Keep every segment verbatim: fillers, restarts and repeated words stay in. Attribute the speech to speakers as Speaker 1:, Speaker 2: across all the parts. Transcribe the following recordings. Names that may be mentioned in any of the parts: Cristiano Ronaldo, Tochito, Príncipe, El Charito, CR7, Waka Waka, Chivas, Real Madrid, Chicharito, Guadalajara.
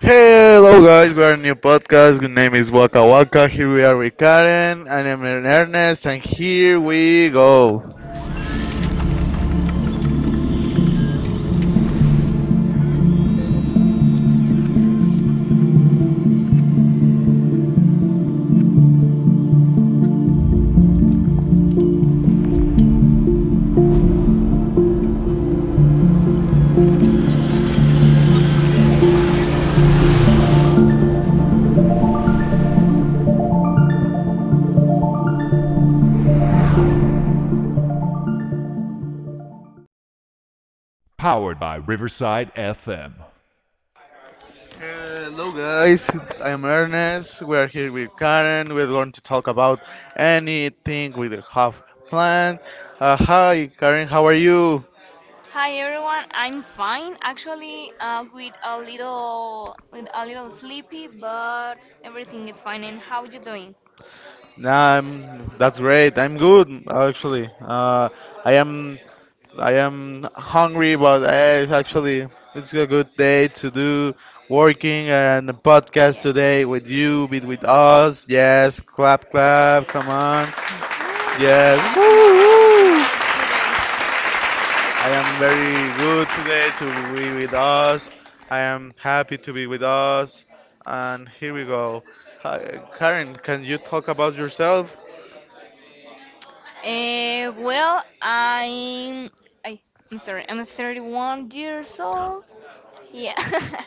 Speaker 1: Hello guys, we are a new podcast. Good name is Waka Waka. Here we are with Karen, and I'm Ernest, and here we go. Hello guys, I am Ernest. We are here with Karen. We're going to talk about anything we have planned. Uh, hi, Karen, how are you?
Speaker 2: Hi everyone, I'm fine actually uh, with a little with a little sleepy, but everything is fine. And how you doing?
Speaker 1: Nah, I'm, that's great. I'm good actually. Uh, I am. I am hungry, but eh, actually, it's a good day to do working and a podcast today with you, be with us. Yes, clap, clap, come on.
Speaker 2: Ooh, yeah, tomorrow
Speaker 1: Yes, woo,
Speaker 2: tomorrow it's
Speaker 1: woo.
Speaker 2: free day.
Speaker 1: I am very good today to be with us. I am happy to be with us. And here we go. Hi, Karen, can you talk about yourself?
Speaker 2: Uh, well, I'm I, I'm sorry, I'm thirty-one years old. Yeah,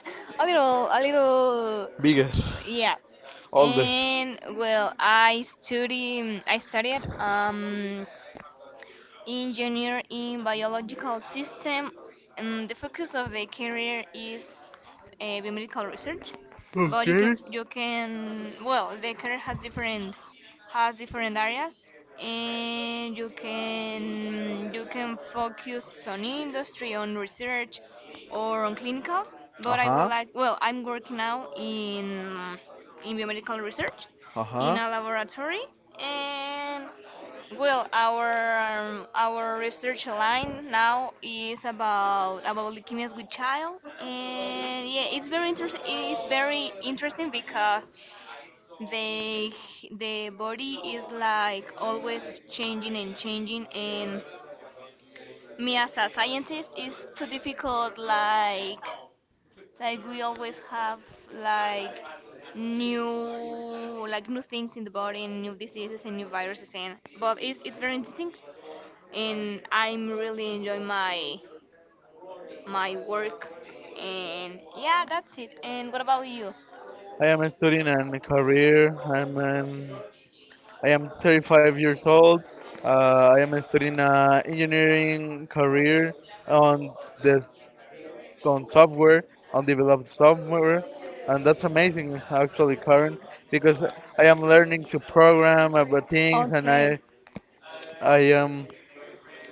Speaker 2: a little a little
Speaker 1: Bigger,
Speaker 2: yeah.
Speaker 1: older.
Speaker 2: And well, I study I studied um engineer in biological system, and the focus of the career is uh, biomedical research. But you can
Speaker 1: Okay.
Speaker 2: you can well, the career has different has different areas, and you can you can focus on industry, on research, or on clinicals.
Speaker 1: Uh
Speaker 2: But I would
Speaker 1: huh.
Speaker 2: like well, i'm working now in in biomedical research
Speaker 1: Uh
Speaker 2: in
Speaker 1: huh.
Speaker 2: a laboratory. And well, our um, our research line now is about about leukemias with child, and yeah, it's very interesting. It's very interesting because the the body is like always changing and changing, and me as a scientist is too difficult. Like like we always have like new like new things in the body and new diseases and new viruses, and but it's it's very interesting, and I'm really enjoying my my work. And yeah, that's it. And what about you?
Speaker 1: I am studying a student and career. I'm an, I am thirty-five years old. Uh, I am studying an engineering career on this on software, on developed software, and that's amazing actually, Karen, because I am learning to program about things, and
Speaker 2: Okay,
Speaker 1: I I am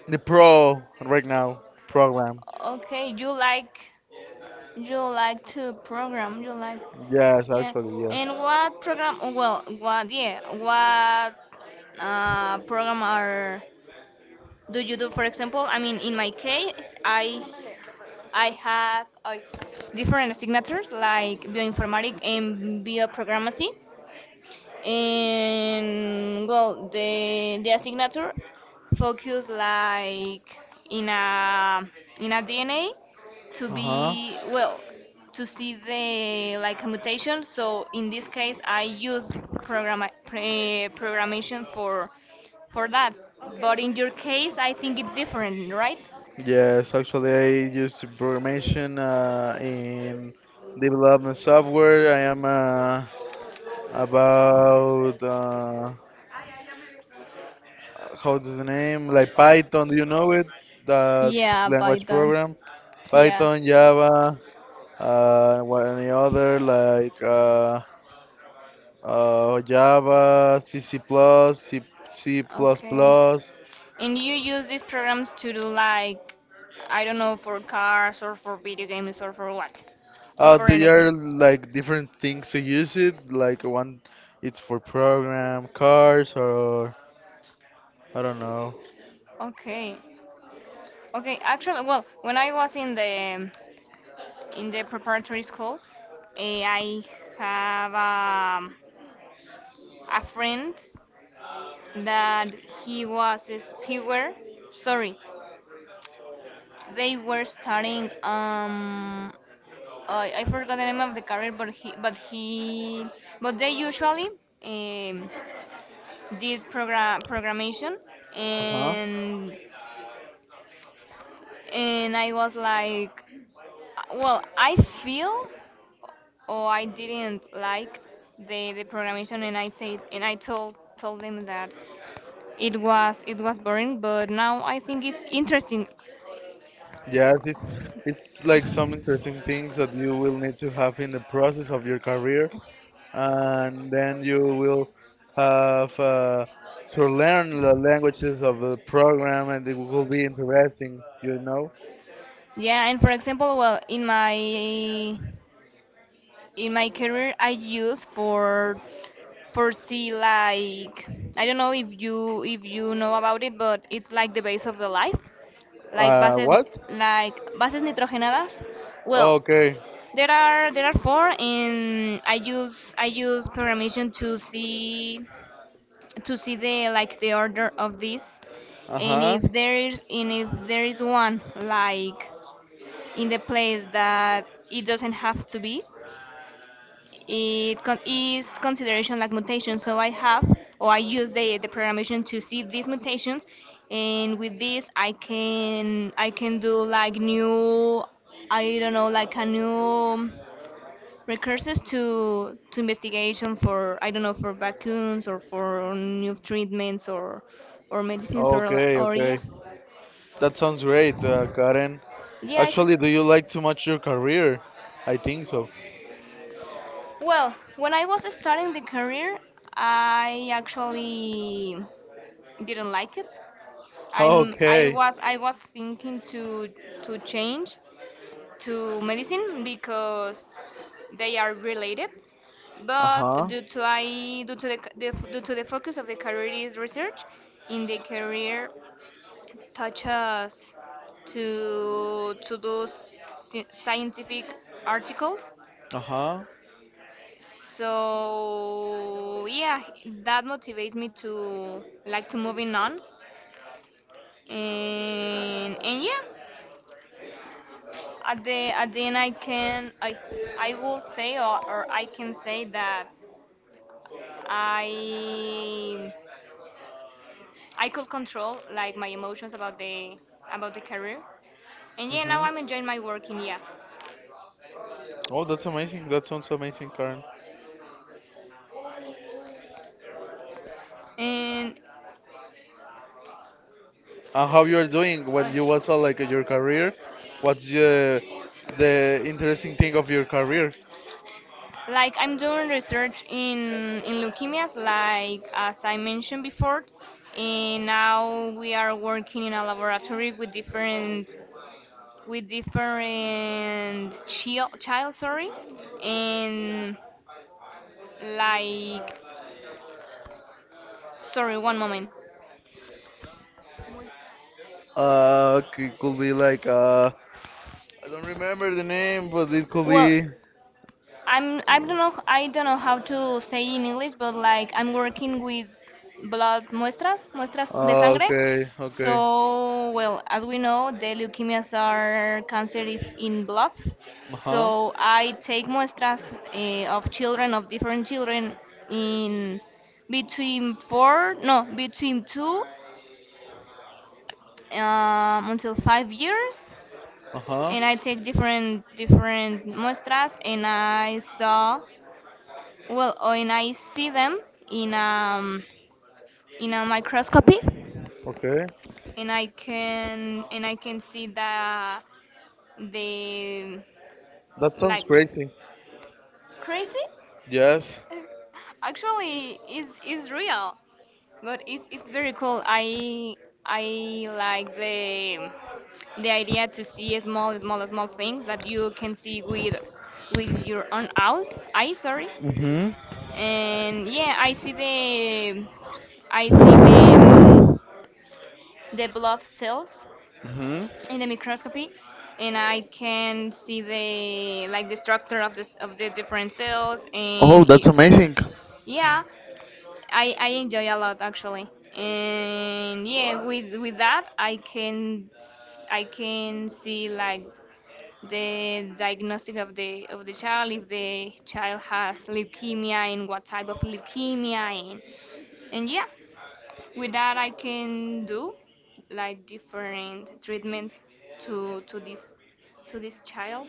Speaker 1: the pro right now program.
Speaker 2: okay. You like you like to program. You like
Speaker 1: Yes,
Speaker 2: yeah.
Speaker 1: actually, yes.
Speaker 2: And what program? Oh, well, what? Yeah? What uh, program are do you do? For example, I mean, in my case, I I have uh, different signatures like bioinformatic and bioprogrammacy. And well, the the signature focus, like, in a in a D N A, to
Speaker 1: Uh huh.
Speaker 2: be, well, to see the, like, mutation, so in this case I use program pre programmation for for that. But in your case I think it's different, right?
Speaker 1: Yes, actually, I use programmation uh, in development software. I am uh, about uh, how does the name like Python? Do you know it? That
Speaker 2: Yeah,
Speaker 1: language
Speaker 2: Python.
Speaker 1: program,
Speaker 2: Yeah.
Speaker 1: Python, Java. Uh, what any other like uh, uh, Java, C, C++, C, C++.
Speaker 2: Okay. And you use these programs to do, like, I don't know, for cars or for video games or for what? Or
Speaker 1: Uh,
Speaker 2: for
Speaker 1: they
Speaker 2: anything.
Speaker 1: are like different things to use it. Like one, it's for program cars or I don't know.
Speaker 2: Okay. Okay. Actually, well, when I was in the in the preparatory school, eh, I have um, a friend that he was, he were, sorry, they were studying um I I forgot the name of the career, but he, but he, but they usually um, did program programmation,
Speaker 1: Uh-huh.
Speaker 2: and and I was like, well, I feel, or I didn't like the the programmation, and I said, and I told told them that it was it was boring, but now I think it's interesting.
Speaker 1: Yes, it's it's like some interesting things that you will need to have in the process of your career. And then you will have uh, to learn the languages of the program, and it will be interesting, you know.
Speaker 2: Yeah, and for example, well, in my in my career, I use, for foresee, like, I don't know if you if you know about it, but it's like the base of the life, like
Speaker 1: Uh,
Speaker 2: bases
Speaker 1: what?
Speaker 2: like bases nitrogenadas. Well,
Speaker 1: Okay.
Speaker 2: there are there are four, and I use I use permission to see to see the, like, the order of this,
Speaker 1: Uh
Speaker 2: and
Speaker 1: huh.
Speaker 2: if there is, and if there is one, like, in the place that it doesn't have to be, it con- is consideration, like, mutation. So I have, or I use, the, the programmation to see these mutations, and with this I can I can do, like, new, I don't know, like a new recurses to to investigation for, I don't know, for vaccines or for new treatments or or medicines or li-
Speaker 1: Okay,
Speaker 2: or
Speaker 1: okay.
Speaker 2: yeah.
Speaker 1: That sounds great, uh, Karen.
Speaker 2: Yeah, I
Speaker 1: Actually, do
Speaker 2: think,
Speaker 1: you like too much your career? I think so.
Speaker 2: well, when I was starting the career, I actually didn't like it. I'm I
Speaker 1: Okay.
Speaker 2: was I was thinking to to change to medicine because they are related,
Speaker 1: Uh
Speaker 2: but
Speaker 1: huh.
Speaker 2: due to I due to the, c- the f- due to the focus of the career is research, in the career touches to to do sci- scientific articles.
Speaker 1: Uh huh.
Speaker 2: So yeah, that motivates me to, like, to moving on, and and yeah. At the at the end, I can I I will say or, or I can say that I I could control, like, my emotions about the about the career. And yeah, now
Speaker 1: Mhm.
Speaker 2: I'm enjoying my work in yeah.
Speaker 1: Oh, that's amazing. That sounds amazing, Karen.
Speaker 2: And
Speaker 1: And how you are doing
Speaker 2: uh,
Speaker 1: when you was uh, like your career? What's the the interesting thing of your career?
Speaker 2: like, I'm doing research in in leukemias, like as I mentioned before. And now we are working in a laboratory with different, with different child, child, sorry. And, like, sorry, one moment.
Speaker 1: Uh, c- could be like uh, I don't remember the name, but it could
Speaker 2: Well,
Speaker 1: be.
Speaker 2: i'm i don't know i don't know how to say in English, but like I'm working with blood muestras, muestras de
Speaker 1: Ah,
Speaker 2: sangre.
Speaker 1: okay,
Speaker 2: So,
Speaker 1: okay.
Speaker 2: well, as we know, the leukemias are cancerous in blood.
Speaker 1: Uh
Speaker 2: So
Speaker 1: huh.
Speaker 2: I take muestras, eh, of children, of different children, in between four, no, between two, um, until five years,
Speaker 1: Uh huh.
Speaker 2: and I take different different muestras, and I saw, well, oh, and I see them in, um in a microscopy,
Speaker 1: Okay.
Speaker 2: and I can and I can see the, the
Speaker 1: That sounds
Speaker 2: like,
Speaker 1: crazy.
Speaker 2: crazy,
Speaker 1: Yes.
Speaker 2: actually, is is real, but it's it's very cool. I I like the the idea, to see small, small, small things that you can see with with your own eyes. I, sorry.
Speaker 1: Mm-hmm.
Speaker 2: And yeah, i see the i see the, the blood cells
Speaker 1: Mm-hmm.
Speaker 2: in the microscopy, and I can see the, like, the structure of this, of the different cells,
Speaker 1: Oh,
Speaker 2: and
Speaker 1: that's amazing.
Speaker 2: yeah, i i enjoy a lot, actually. And yeah, with with that, i can s- I can see, like, the diagnostic of the of the child, if the child has leukemia and what type of leukemia, and and yeah. With that, I can do, like, different treatments to to this to this child.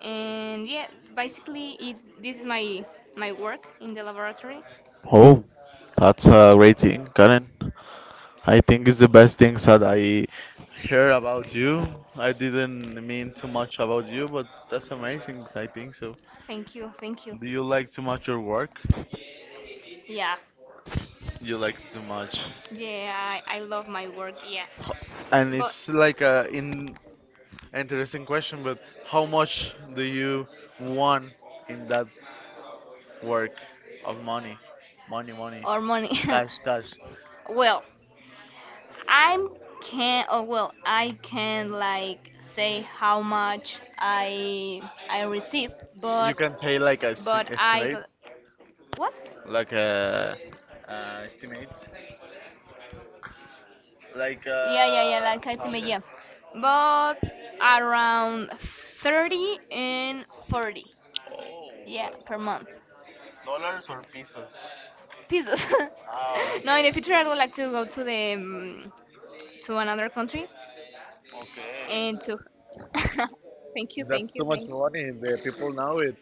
Speaker 2: And yeah, basically, it's, this is my my work in the laboratory.
Speaker 1: Oh, that's a great thing, Karen. I think it's the best things that I hear about you. I didn't mean too much about you, but that's amazing. I think so.
Speaker 2: Thank you, thank you.
Speaker 1: Do you like too much your work?
Speaker 2: Yeah,
Speaker 1: You like too much.
Speaker 2: yeah, I, I love my work. Yeah,
Speaker 1: And
Speaker 2: but,
Speaker 1: it's like a in interesting question, but how much do you want in that work of money? Money, money,
Speaker 2: or money.
Speaker 1: cash, cash.
Speaker 2: Well, I'm can oh well I can, like, say how much I I receive,
Speaker 1: You
Speaker 2: but
Speaker 1: can say like a s-
Speaker 2: but I
Speaker 1: estimate,
Speaker 2: got- what?
Speaker 1: like a uh, estimate, like
Speaker 2: Yeah, yeah, yeah,
Speaker 1: uh,
Speaker 2: like Katsume,
Speaker 1: okay.
Speaker 2: yeah. But around thirty and forty,
Speaker 1: Oh,
Speaker 2: yeah,
Speaker 1: that's
Speaker 2: per month.
Speaker 1: amazing. Dollars or pesos?
Speaker 2: Pesos.
Speaker 1: Oh,
Speaker 2: No, in the
Speaker 1: okay,
Speaker 2: future I would like to go to the um, to another country
Speaker 1: okay.
Speaker 2: and to thank you,
Speaker 1: That's
Speaker 2: thank
Speaker 1: too
Speaker 2: you,
Speaker 1: much
Speaker 2: thank you.
Speaker 1: money. The people know it.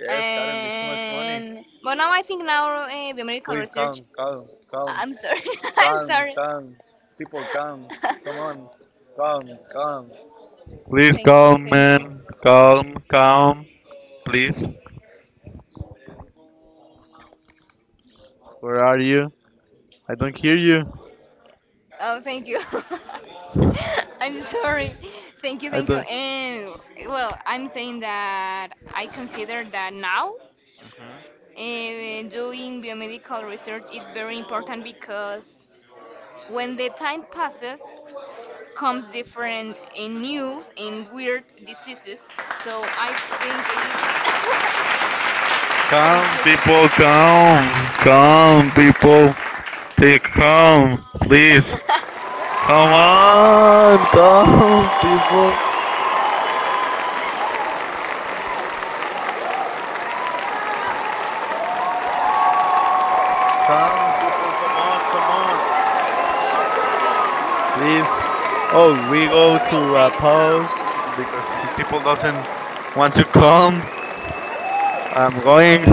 Speaker 1: Yes, Karen, it's too much money.
Speaker 2: And but now I think now, uh, biomedical
Speaker 1: Please come,
Speaker 2: research.
Speaker 1: come, come,
Speaker 2: I'm sorry, I'm
Speaker 1: come,
Speaker 2: sorry.
Speaker 1: come. People come. Come on. Come, come. Please come, man. Come, come. Please. Where are you? I don't hear you.
Speaker 2: Oh, thank you. I'm sorry. Thank you,
Speaker 1: I
Speaker 2: thank you.
Speaker 1: don't.
Speaker 2: And well, I'm saying that I consider that now, eh, doing biomedical research is very important, because when the time passes, comes different eh, news and weird diseases. So I think it's.
Speaker 1: Come,
Speaker 2: Thank you.
Speaker 1: people, come. Come, people. They come. Please. Come on. Come, people. Come, people. Come on,
Speaker 2: The
Speaker 1: come on.
Speaker 2: people are very,
Speaker 1: Please. Oh, we go
Speaker 2: very
Speaker 1: to a
Speaker 2: excited
Speaker 1: pause
Speaker 2: now.
Speaker 1: because people doesn't want to come. I'm going.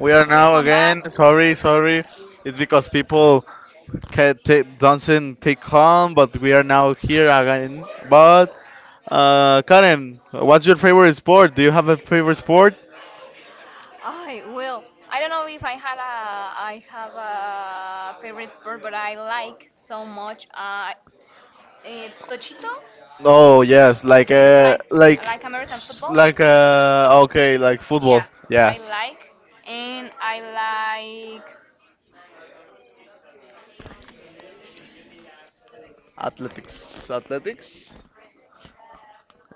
Speaker 1: We are
Speaker 2: We
Speaker 1: now
Speaker 2: come back.
Speaker 1: again. Sorry, sorry. It's because people can t- doesn't take home, but we are now here again. But uh, Karen, what's your favorite sport? Do you have a favorite sport?
Speaker 2: I will. I don't know if I had a, I have a favorite sport, but I like so much. Uh, eh, Tochito.
Speaker 1: Oh yes, like
Speaker 2: It's
Speaker 1: uh,
Speaker 2: like,
Speaker 1: like
Speaker 2: like American
Speaker 1: s-
Speaker 2: football.
Speaker 1: like uh, okay, like
Speaker 2: Yeah,
Speaker 1: football.
Speaker 2: I
Speaker 1: Yes.
Speaker 2: like and I like
Speaker 1: Athletics, athletics.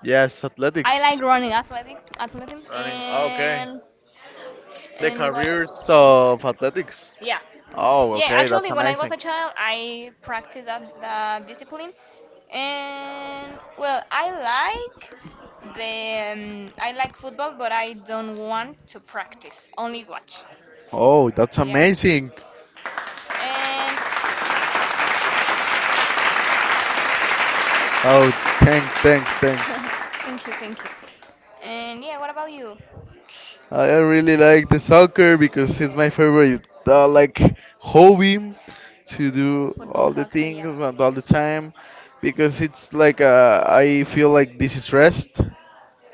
Speaker 1: Yes,
Speaker 2: I like
Speaker 1: athletics.
Speaker 2: running, athletics, athletics,
Speaker 1: Running. Okay.
Speaker 2: and
Speaker 1: The
Speaker 2: and what else?
Speaker 1: careers of athletics.
Speaker 2: Yeah.
Speaker 1: Oh,
Speaker 2: Yeah,
Speaker 1: okay. That's
Speaker 2: actually, when I was
Speaker 1: amazing.
Speaker 2: a child, I practiced that, that discipline. And, well, I like the um, I like football, but I don't want to practice, only watch.
Speaker 1: Oh, that's
Speaker 2: Yeah.
Speaker 1: amazing.
Speaker 2: And
Speaker 1: Oh, thanks, thanks, thanks.
Speaker 2: thank you, thank you. And yeah, what about you?
Speaker 1: I really like the soccer because it's my favorite, uh, like, hobby to do
Speaker 2: Football,
Speaker 1: all the
Speaker 2: soccer, yeah.
Speaker 1: things and all the time because it's like uh, I feel like this is rest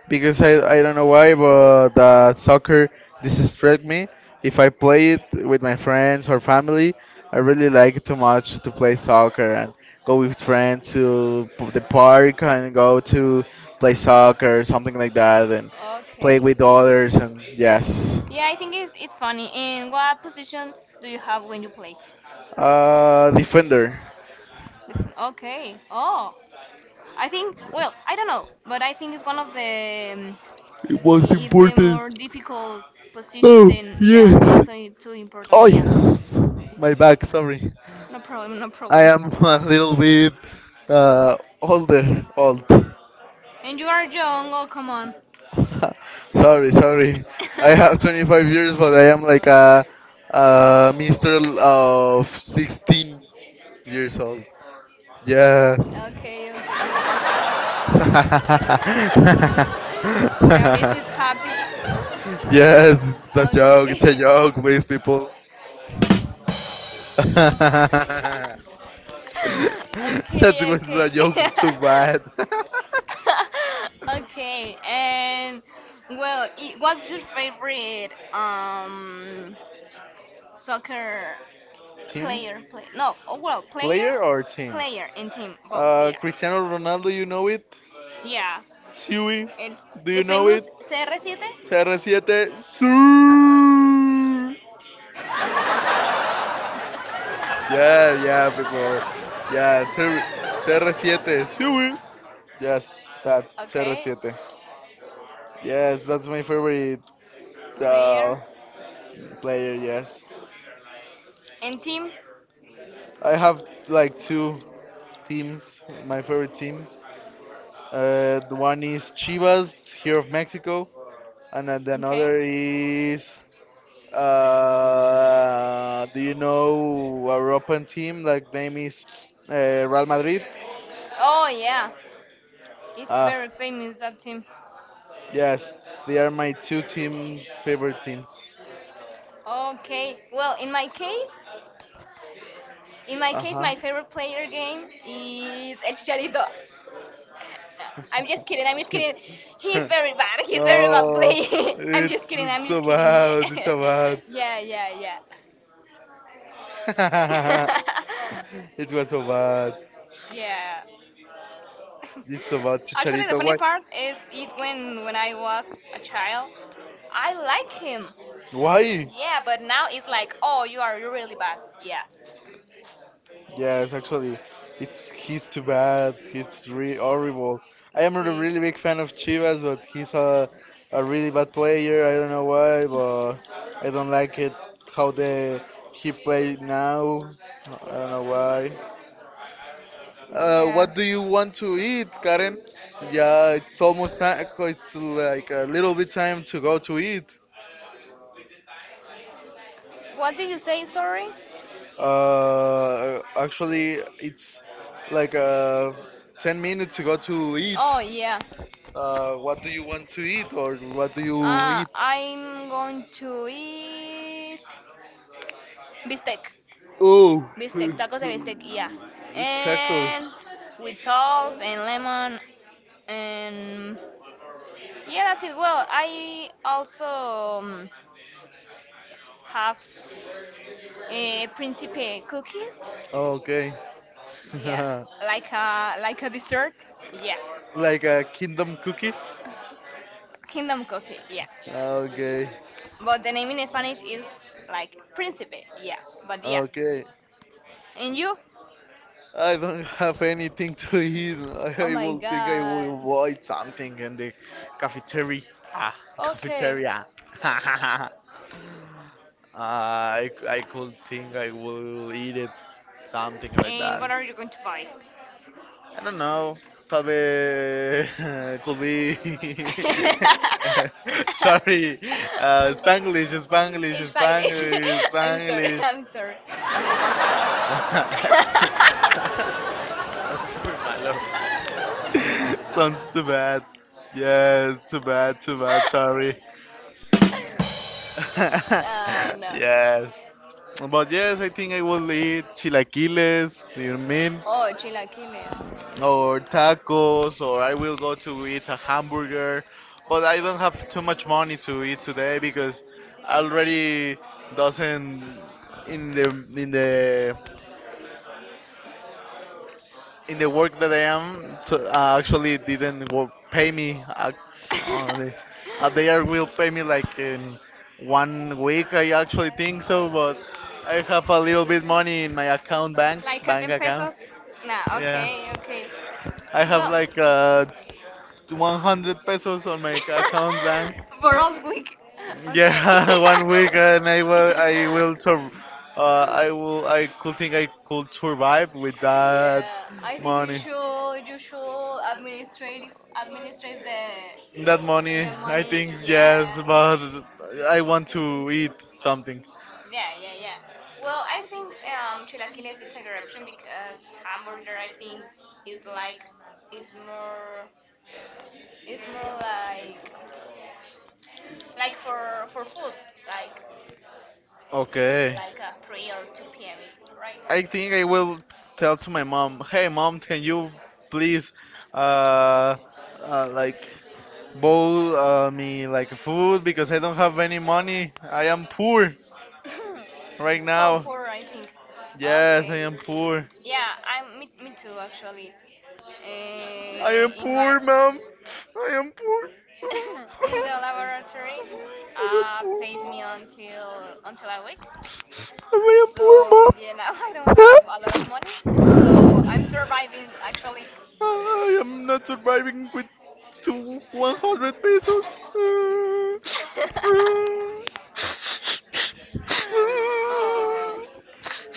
Speaker 1: because I, I don't know why, but uh, soccer distracts me. If I play it with my friends or family, I really like too much to play soccer and go with friends to p- the park and go to play soccer something like that and play
Speaker 2: Okay.
Speaker 1: with others and yes.
Speaker 2: Yeah, I think it's it's funny. And what position do you have when you play?
Speaker 1: Uh, defender.
Speaker 2: This- Okay. Oh. I think, well, I don't know, but I think it's one of the, um,
Speaker 1: It was
Speaker 2: i- if the
Speaker 1: important.
Speaker 2: more difficult positions,
Speaker 1: Oh,
Speaker 2: and i-
Speaker 1: yes.
Speaker 2: also i- too important.
Speaker 1: Oh, my back, sorry.
Speaker 2: No problem, no
Speaker 1: I
Speaker 2: problem.
Speaker 1: am a little bit uh, older, old.
Speaker 2: And you are young. Oh, come on.
Speaker 1: Sorry, sorry. I have twenty-five years, but I am like a, a mister of sixteen years old. Yes.
Speaker 2: Okay, okay. The Auris is happy.
Speaker 1: Yes, it's a joke.
Speaker 2: Okay.
Speaker 1: It's a joke, please, people. That
Speaker 2: Okay,
Speaker 1: was a
Speaker 2: okay.
Speaker 1: joke too bad.
Speaker 2: Okay, and well, i- what's your favorite um soccer.
Speaker 1: Timmy?
Speaker 2: Player, play. No, oh well, player,
Speaker 1: Player or team?
Speaker 2: player and team, both.
Speaker 1: Uh,
Speaker 2: Yeah,
Speaker 1: Cristiano Ronaldo, you know it.
Speaker 2: yeah.
Speaker 1: Siwi,
Speaker 2: It's
Speaker 1: do
Speaker 2: the
Speaker 1: you know it?
Speaker 2: famous C R seven.
Speaker 1: Cr siete, Siwi. Yeah, yeah, people. Yeah, C R- C R seven, Siwi. Yes, that cr
Speaker 2: Okay,
Speaker 1: siete. Yes, that's my favorite uh,
Speaker 2: player
Speaker 1: player. Yes,
Speaker 2: and team.
Speaker 1: I have like two teams. My favorite teams. Uh, the one is Chivas here of Mexico, and uh, the
Speaker 2: Okay.
Speaker 1: another is Uh, do you know a European team like name is uh, Real Madrid?
Speaker 2: Oh yeah, it's
Speaker 1: Uh,
Speaker 2: very famous, that team.
Speaker 1: yes, they are my two team favorite teams.
Speaker 2: Okay. Well, in my case, in my
Speaker 1: Uh
Speaker 2: case,
Speaker 1: huh.
Speaker 2: my favorite player game is El Charito. I'm just kidding. I'm just kidding. He's very bad. He's very bad
Speaker 1: Oh,
Speaker 2: player. I'm
Speaker 1: it's
Speaker 2: just kidding. I'm
Speaker 1: it's
Speaker 2: just
Speaker 1: so
Speaker 2: kidding.
Speaker 1: bad. It's
Speaker 2: Yeah.
Speaker 1: so bad.
Speaker 2: Yeah, yeah, yeah.
Speaker 1: It was so bad.
Speaker 2: Yeah.
Speaker 1: It's so bad.
Speaker 2: Actually, the
Speaker 1: Chicharito,
Speaker 2: funny
Speaker 1: why?
Speaker 2: part is is when when I was a child, I like him.
Speaker 1: Why?
Speaker 2: Yeah, but now it's like, oh, you are really bad. Yeah.
Speaker 1: Yes, actually, it's he's too bad. He's re horrible. I am not a
Speaker 2: See.
Speaker 1: really big fan of Chivas, but he's a a really bad player. I don't know why, but I don't like it how they he play now. I don't know why. Uh,
Speaker 2: Yeah.
Speaker 1: what do you want to eat, Karen? Yeah, it's almost time. It's like a little bit time to go to eat.
Speaker 2: What did you say, sorry?
Speaker 1: Uh, actually, it's like uh, 10 minutes to go to eat.
Speaker 2: Oh, yeah.
Speaker 1: Uh, what do you want to eat, or what do you
Speaker 2: Ah,
Speaker 1: eat?
Speaker 2: I'm going to eat bistec.
Speaker 1: Oh,
Speaker 2: Bistec, tacos de bistec, yeah.
Speaker 1: tacos.
Speaker 2: And with salt and lemon and yeah, that's it. Well, I also, um, have, uh, Principe cookies.
Speaker 1: Okay.
Speaker 2: Yeah, like a, like a dessert. Yeah,
Speaker 1: Like uh, kingdom cookies.
Speaker 2: Kingdom cookie. Yeah,
Speaker 1: Okay.
Speaker 2: but the name in Spanish is like Principe. Yeah, but yeah.
Speaker 1: Okay.
Speaker 2: And you?
Speaker 1: I don't have anything to eat.
Speaker 2: Oh
Speaker 1: I, I
Speaker 2: my
Speaker 1: will think I
Speaker 2: God.
Speaker 1: will avoid something in the cafeteria. Ah,
Speaker 2: Okay.
Speaker 1: cafeteria. uh, I, c- I could think I will eat it. Something like
Speaker 2: And
Speaker 1: that.
Speaker 2: what are you going to buy?
Speaker 1: I don't know. Probably could be. Sorry. Uh, Spanglish, Spanglish,
Speaker 2: It's Spanish.
Speaker 1: Spanglish,
Speaker 2: I'm sorry.
Speaker 1: Spanglish.
Speaker 2: I'm sorry.
Speaker 1: Poor Milo. Sounds too bad. Yes, too bad, too bad, sorry.
Speaker 2: I know.
Speaker 1: Yes. But yes, I think I will eat chilaquiles, do you mean?
Speaker 2: Oh, chilaquiles.
Speaker 1: Or tacos, or I will go to eat a hamburger. But I don't have too much money to eat today because already doesn't in the in the in the work that I am, to, uh, actually didn't wo- pay me. Uh, only- uh, they are will pay me like in one week, I actually think so, but I have a little bit money in my account, bank,
Speaker 2: Like at
Speaker 1: bank
Speaker 2: ten
Speaker 1: account.
Speaker 2: pesos? Nah,
Speaker 1: Yeah,
Speaker 2: okay, okay.
Speaker 1: I have
Speaker 2: Well,
Speaker 1: like uh, one hundred pesos on my account, bank.
Speaker 2: for all week. Okay.
Speaker 1: Yeah, one week and I will I will sur uh, I will I could think I could survive with that
Speaker 2: Yeah, I think you
Speaker 1: money.
Speaker 2: should you should administrative, administrate the.
Speaker 1: That money,
Speaker 2: The
Speaker 1: I
Speaker 2: money,
Speaker 1: think yes,
Speaker 2: yeah,
Speaker 1: but I want to eat something.
Speaker 2: yeah, yeah, yeah. Well, I think um, chilaquiles it's a corruption, because hamburger, I think, is like, it's more, it's more like, like for for food, like,
Speaker 1: Okay.
Speaker 2: like a three or two p m, right?
Speaker 1: I think I will tell to my mom, "Hey mom, can you please uh, uh like bowl uh, me like food because I don't have any money. I am poor right
Speaker 2: So
Speaker 1: now.
Speaker 2: poor, I think.
Speaker 1: Yes, I
Speaker 2: Okay,
Speaker 1: am poor.
Speaker 2: yeah, I'm me, me too, actually.
Speaker 1: I am
Speaker 2: Uh, in my
Speaker 1: poor, mom. I am poor.
Speaker 2: in the laboratory,
Speaker 1: I am
Speaker 2: uh,
Speaker 1: poor,
Speaker 2: paid me
Speaker 1: mom.
Speaker 2: until until a week.
Speaker 1: I
Speaker 2: So yeah, now I don't
Speaker 1: am poor,
Speaker 2: have a lot of
Speaker 1: mom.
Speaker 2: money. So I'm surviving, actually.
Speaker 1: I am not surviving with two one hundred pesos.
Speaker 2: Oh,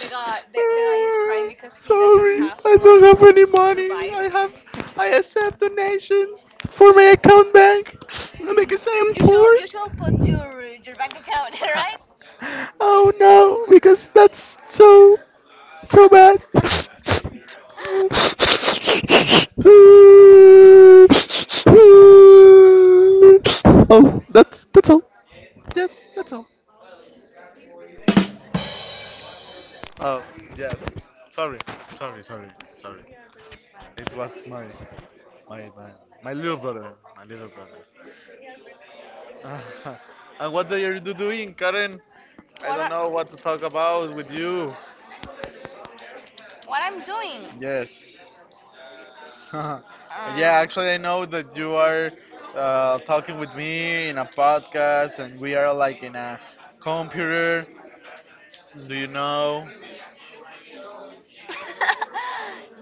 Speaker 2: the guy the, the guy is crying because he
Speaker 1: Sorry,
Speaker 2: have
Speaker 1: I don't have any money.
Speaker 2: survived.
Speaker 1: I have, I accept donations for my account bank. That makes I am
Speaker 2: You should you should put
Speaker 1: poor.
Speaker 2: your your bank account, right.
Speaker 1: Oh no, because that's so, so bad. Oh, that's that's all. Yes, that's all. Oh, yes. Sorry, sorry, sorry, sorry. It was my. My my my little brother, my little brother. And what are you do- doing, Karen? I
Speaker 2: what
Speaker 1: don't
Speaker 2: are
Speaker 1: know what to talk about with you.
Speaker 2: what I'm doing?
Speaker 1: Yes. Yeah,
Speaker 2: Uh,
Speaker 1: actually, I know that you are uh, talking with me in a podcast, and we are like in a computer. Do you know?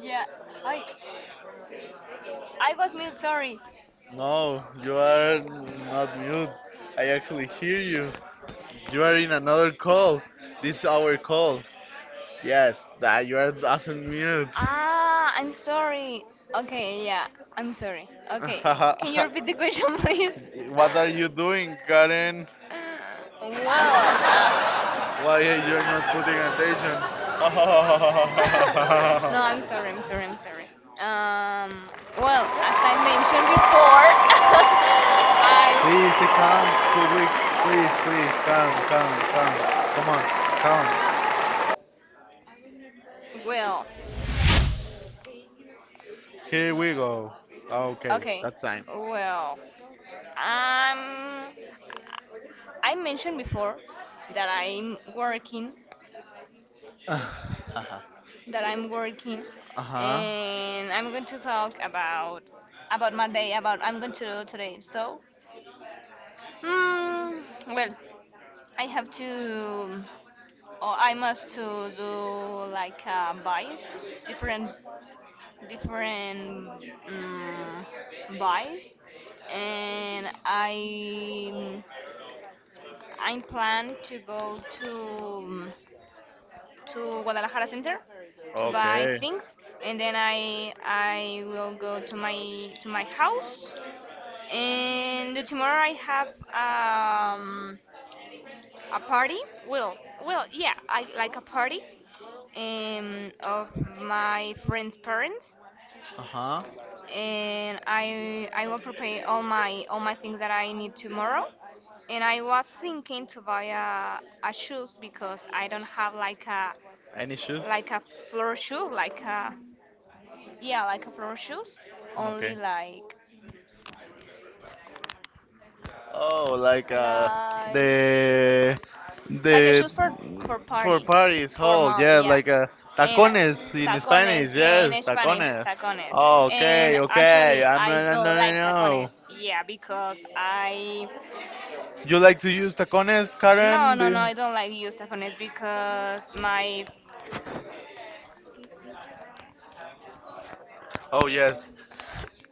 Speaker 2: yeah. I I was mute. Sorry.
Speaker 1: No, you are not mute. I actually hear you. You are in another call. This is our call. Yes, that you are doesn't mute.
Speaker 2: Ah, I'm sorry. Okay. Yeah. I'm sorry. Okay. Can you repeat the question, please?
Speaker 1: What are you doing, Karen?
Speaker 2: Well, uh,
Speaker 1: Why you're not putting attention?
Speaker 2: no, I'm sorry, I'm sorry, I'm sorry. Um, well, as I mentioned before,
Speaker 1: Please, eh,
Speaker 2: I
Speaker 1: calm, public. Please, please, come, come, come. Come on, come.
Speaker 2: well,
Speaker 1: Here we go. Okay,
Speaker 2: okay,
Speaker 1: that's time.
Speaker 2: well, um, I mentioned before that I'm working,
Speaker 1: uh
Speaker 2: that I'm working,
Speaker 1: huh.
Speaker 2: and I'm going to talk about about my day, about I'm going to do today. So, Mm, well, I have to, or I must to do like uh, buys, different, different um, buys, and I, I plan to go to to Guadalajara Center to buy
Speaker 1: Okay.
Speaker 2: things, and then I I will go to my to my house, and tomorrow I have um a party? Well, well, yeah, I like a party um, of my friend's parents,
Speaker 1: Uh huh.
Speaker 2: and I I will prepare all my all my things that I need tomorrow. And I was thinking to buy a, a shoes because I don't have like a
Speaker 1: Any
Speaker 2: like a floor shoe, like a yeah, like a floor shoes,
Speaker 1: Okay.
Speaker 2: only like
Speaker 1: Oh, like uh,
Speaker 2: like
Speaker 1: the
Speaker 2: like a
Speaker 1: the
Speaker 2: shoes for for
Speaker 1: for
Speaker 2: party,
Speaker 1: parties hall,
Speaker 2: formal,
Speaker 1: yeah,
Speaker 2: yeah.
Speaker 1: like uh,
Speaker 2: In
Speaker 1: tacones in Spanish,
Speaker 2: tacones, yeah,
Speaker 1: yes,
Speaker 2: in Spanish
Speaker 1: tacones.
Speaker 2: tacones.
Speaker 1: Oh,
Speaker 2: And
Speaker 1: okay, okay,
Speaker 2: actually
Speaker 1: I'm
Speaker 2: I
Speaker 1: no, no,
Speaker 2: don't
Speaker 1: no,
Speaker 2: like
Speaker 1: no. No.
Speaker 2: tacones, yeah, because I
Speaker 1: You like to use tacones,
Speaker 2: no,
Speaker 1: Karen?
Speaker 2: no, no, I
Speaker 1: The-
Speaker 2: don't like use tacones because my
Speaker 1: Oh yes,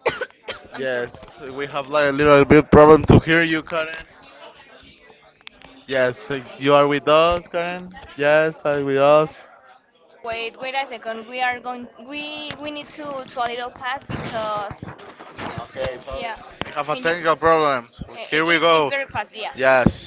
Speaker 2: I'm sorry.
Speaker 1: yes. We have like a little bit problem to hear you, Karen. Yes, uh, you are with us, Karen. Yes, are with us.
Speaker 2: Wait, wait a second, we are going, we we need to to a little pass because
Speaker 1: Okay, sorry.
Speaker 2: yeah.
Speaker 1: We have a
Speaker 2: Can you
Speaker 1: technical problems.
Speaker 2: i- i-
Speaker 1: Here we
Speaker 2: it's it's
Speaker 1: go.
Speaker 2: very fast. Yeah,
Speaker 1: Yes.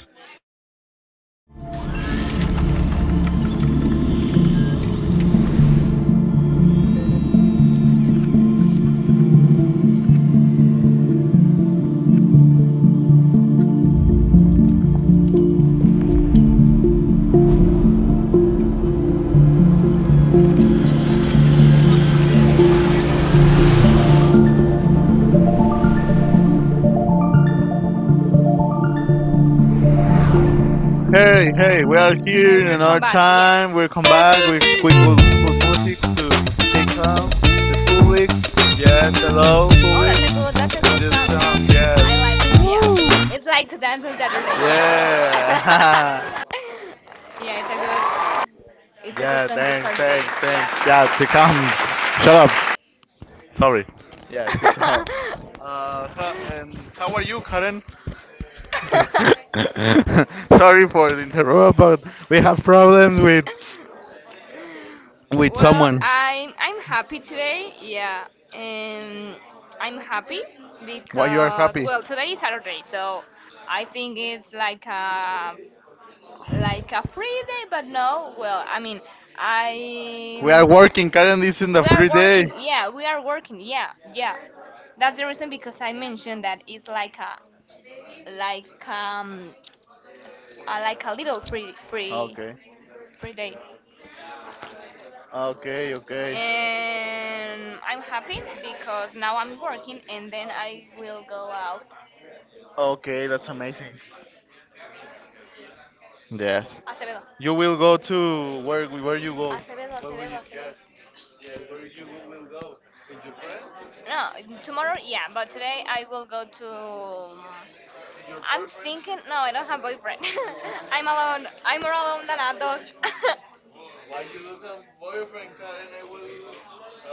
Speaker 1: Hey, hey, we are
Speaker 2: okay,
Speaker 1: here in
Speaker 2: we'll
Speaker 1: another
Speaker 2: come back. Yeah,
Speaker 1: time. We'll come back. We we will put music to take home the public. Yes, hello,
Speaker 2: oh
Speaker 1: public.
Speaker 2: that's a good, that's a
Speaker 1: And
Speaker 2: good
Speaker 1: this
Speaker 2: song,
Speaker 1: song,
Speaker 2: eh? I like it,
Speaker 1: yes.
Speaker 2: yeah.
Speaker 1: Woo!
Speaker 2: It's like to dance on Saturday, yeah.
Speaker 1: Yeah!
Speaker 2: Yeah, it's a good, it's a good
Speaker 1: Yeah,
Speaker 2: song to
Speaker 1: thanks,
Speaker 2: start the day.
Speaker 1: thanks, thanks.
Speaker 2: Yeah.
Speaker 1: Yeah, take home. Shut up. Sorry. Yes, it's up. Uh, how, and how are you, Karen? Sorry for the interrupt, but we have problems with with
Speaker 2: Well,
Speaker 1: someone.
Speaker 2: I'm I'm happy today. Yeah. Um I'm happy
Speaker 1: Why you are
Speaker 2: because
Speaker 1: happy?
Speaker 2: well, today is Saturday, so I think it's like a like a free day, but no. Well, I mean,
Speaker 1: We are
Speaker 2: I
Speaker 1: working. Karen is in the
Speaker 2: we are
Speaker 1: free day.
Speaker 2: working. Yeah, we are working. Yeah, yeah. That's the reason because I mentioned that it's like a like um s- uh, like a little free free
Speaker 1: Okay.
Speaker 2: free day.
Speaker 1: Okay, okay.
Speaker 2: And I'm happy because now I'm working and then I will go out.
Speaker 1: Okay, that's amazing. Yes.
Speaker 2: acevedo
Speaker 1: You will go to where where you go?
Speaker 2: acevedo
Speaker 1: Where will
Speaker 2: acevedo
Speaker 1: you
Speaker 2: acevedo.
Speaker 1: yes, yes, where you will go? With your friends? With
Speaker 2: No, tomorrow, yeah, but today I will go to um,
Speaker 1: your
Speaker 2: I'm
Speaker 1: boyfriend?
Speaker 2: thinking. No, I don't have boyfriend. I'm alone, I'm more alone than a dog.
Speaker 1: Why you don't have boyfriend, Karen? I will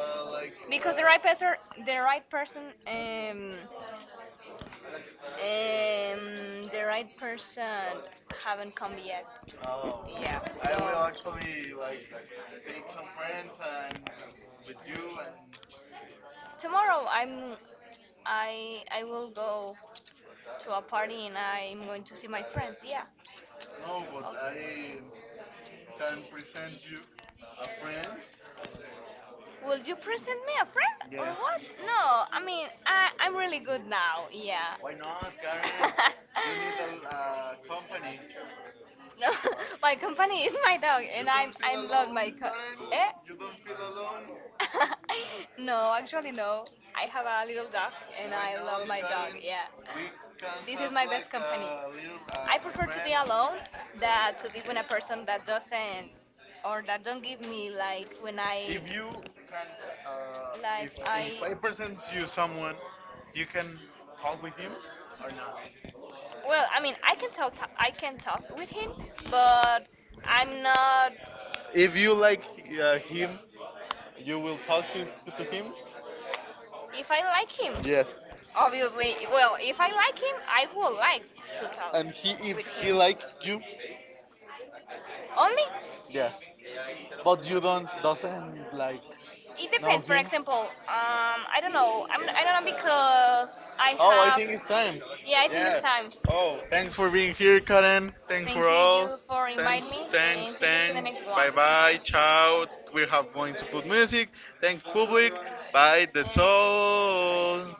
Speaker 1: uh, like
Speaker 2: Because the right person, the right person um
Speaker 1: uh,
Speaker 2: Um, the right person haven't come yet.
Speaker 1: Um,
Speaker 2: Yeah,
Speaker 1: I
Speaker 2: so
Speaker 1: will actually like take some friends and with you and
Speaker 2: tomorrow I'm, I I will go to a party and I'm going to see my friends. Yeah.
Speaker 1: no, but
Speaker 2: Oh.
Speaker 1: I can present you a friend.
Speaker 2: Will you present me a friend or
Speaker 1: Yes.
Speaker 2: what? No, I mean I I'm really good now. Yeah.
Speaker 1: Why not, Karen? You need a uh, company.
Speaker 2: No, my company is my dog,
Speaker 1: You
Speaker 2: and I'm
Speaker 1: don't feel
Speaker 2: I'm love
Speaker 1: alone,
Speaker 2: my
Speaker 1: Karen?
Speaker 2: co- eh?
Speaker 1: You don't feel alone?
Speaker 2: No, actually, no. I have a little dog and
Speaker 1: Why
Speaker 2: I love
Speaker 1: not,
Speaker 2: my dog,
Speaker 1: Karen?
Speaker 2: yeah.
Speaker 1: We can
Speaker 2: This is
Speaker 1: have
Speaker 2: my
Speaker 1: like
Speaker 2: best company.
Speaker 1: a little, uh,
Speaker 2: I
Speaker 1: my
Speaker 2: prefer to
Speaker 1: friend.
Speaker 2: be alone than to be with a person that doesn't or that don't give me like when I
Speaker 1: If you can, uh,
Speaker 2: like
Speaker 1: if if
Speaker 2: I
Speaker 1: I present you someone, you can talk with him or not.
Speaker 2: well, I mean, I can talk, I can talk with him, but I'm not.
Speaker 1: If you like uh, him, you will talk to to him.
Speaker 2: If I like
Speaker 1: You,
Speaker 2: him,
Speaker 1: yes.
Speaker 2: obviously, well, if I like him, I would like to talk
Speaker 1: And he if
Speaker 2: with
Speaker 1: he
Speaker 2: him.
Speaker 1: like you,
Speaker 2: Only
Speaker 1: yes. But you don't doesn't like
Speaker 2: it
Speaker 1: know
Speaker 2: depends. For
Speaker 1: him.
Speaker 2: example, um, I don't know. I'm, I don't know because I
Speaker 1: Oh, I
Speaker 2: have.
Speaker 1: think it's time.
Speaker 2: Yeah, I think it's
Speaker 1: Yeah.
Speaker 2: time.
Speaker 1: Oh, thanks for being here, Karen. Thanks for
Speaker 2: Thank you,
Speaker 1: all.
Speaker 2: you for inviting
Speaker 1: Thanks,
Speaker 2: me,
Speaker 1: thanks,
Speaker 2: and see you to the
Speaker 1: thanks.
Speaker 2: next one.
Speaker 1: Bye bye. Ciao. We have going to put music. Thanks, public. Bye. That's
Speaker 2: Uh,
Speaker 1: all.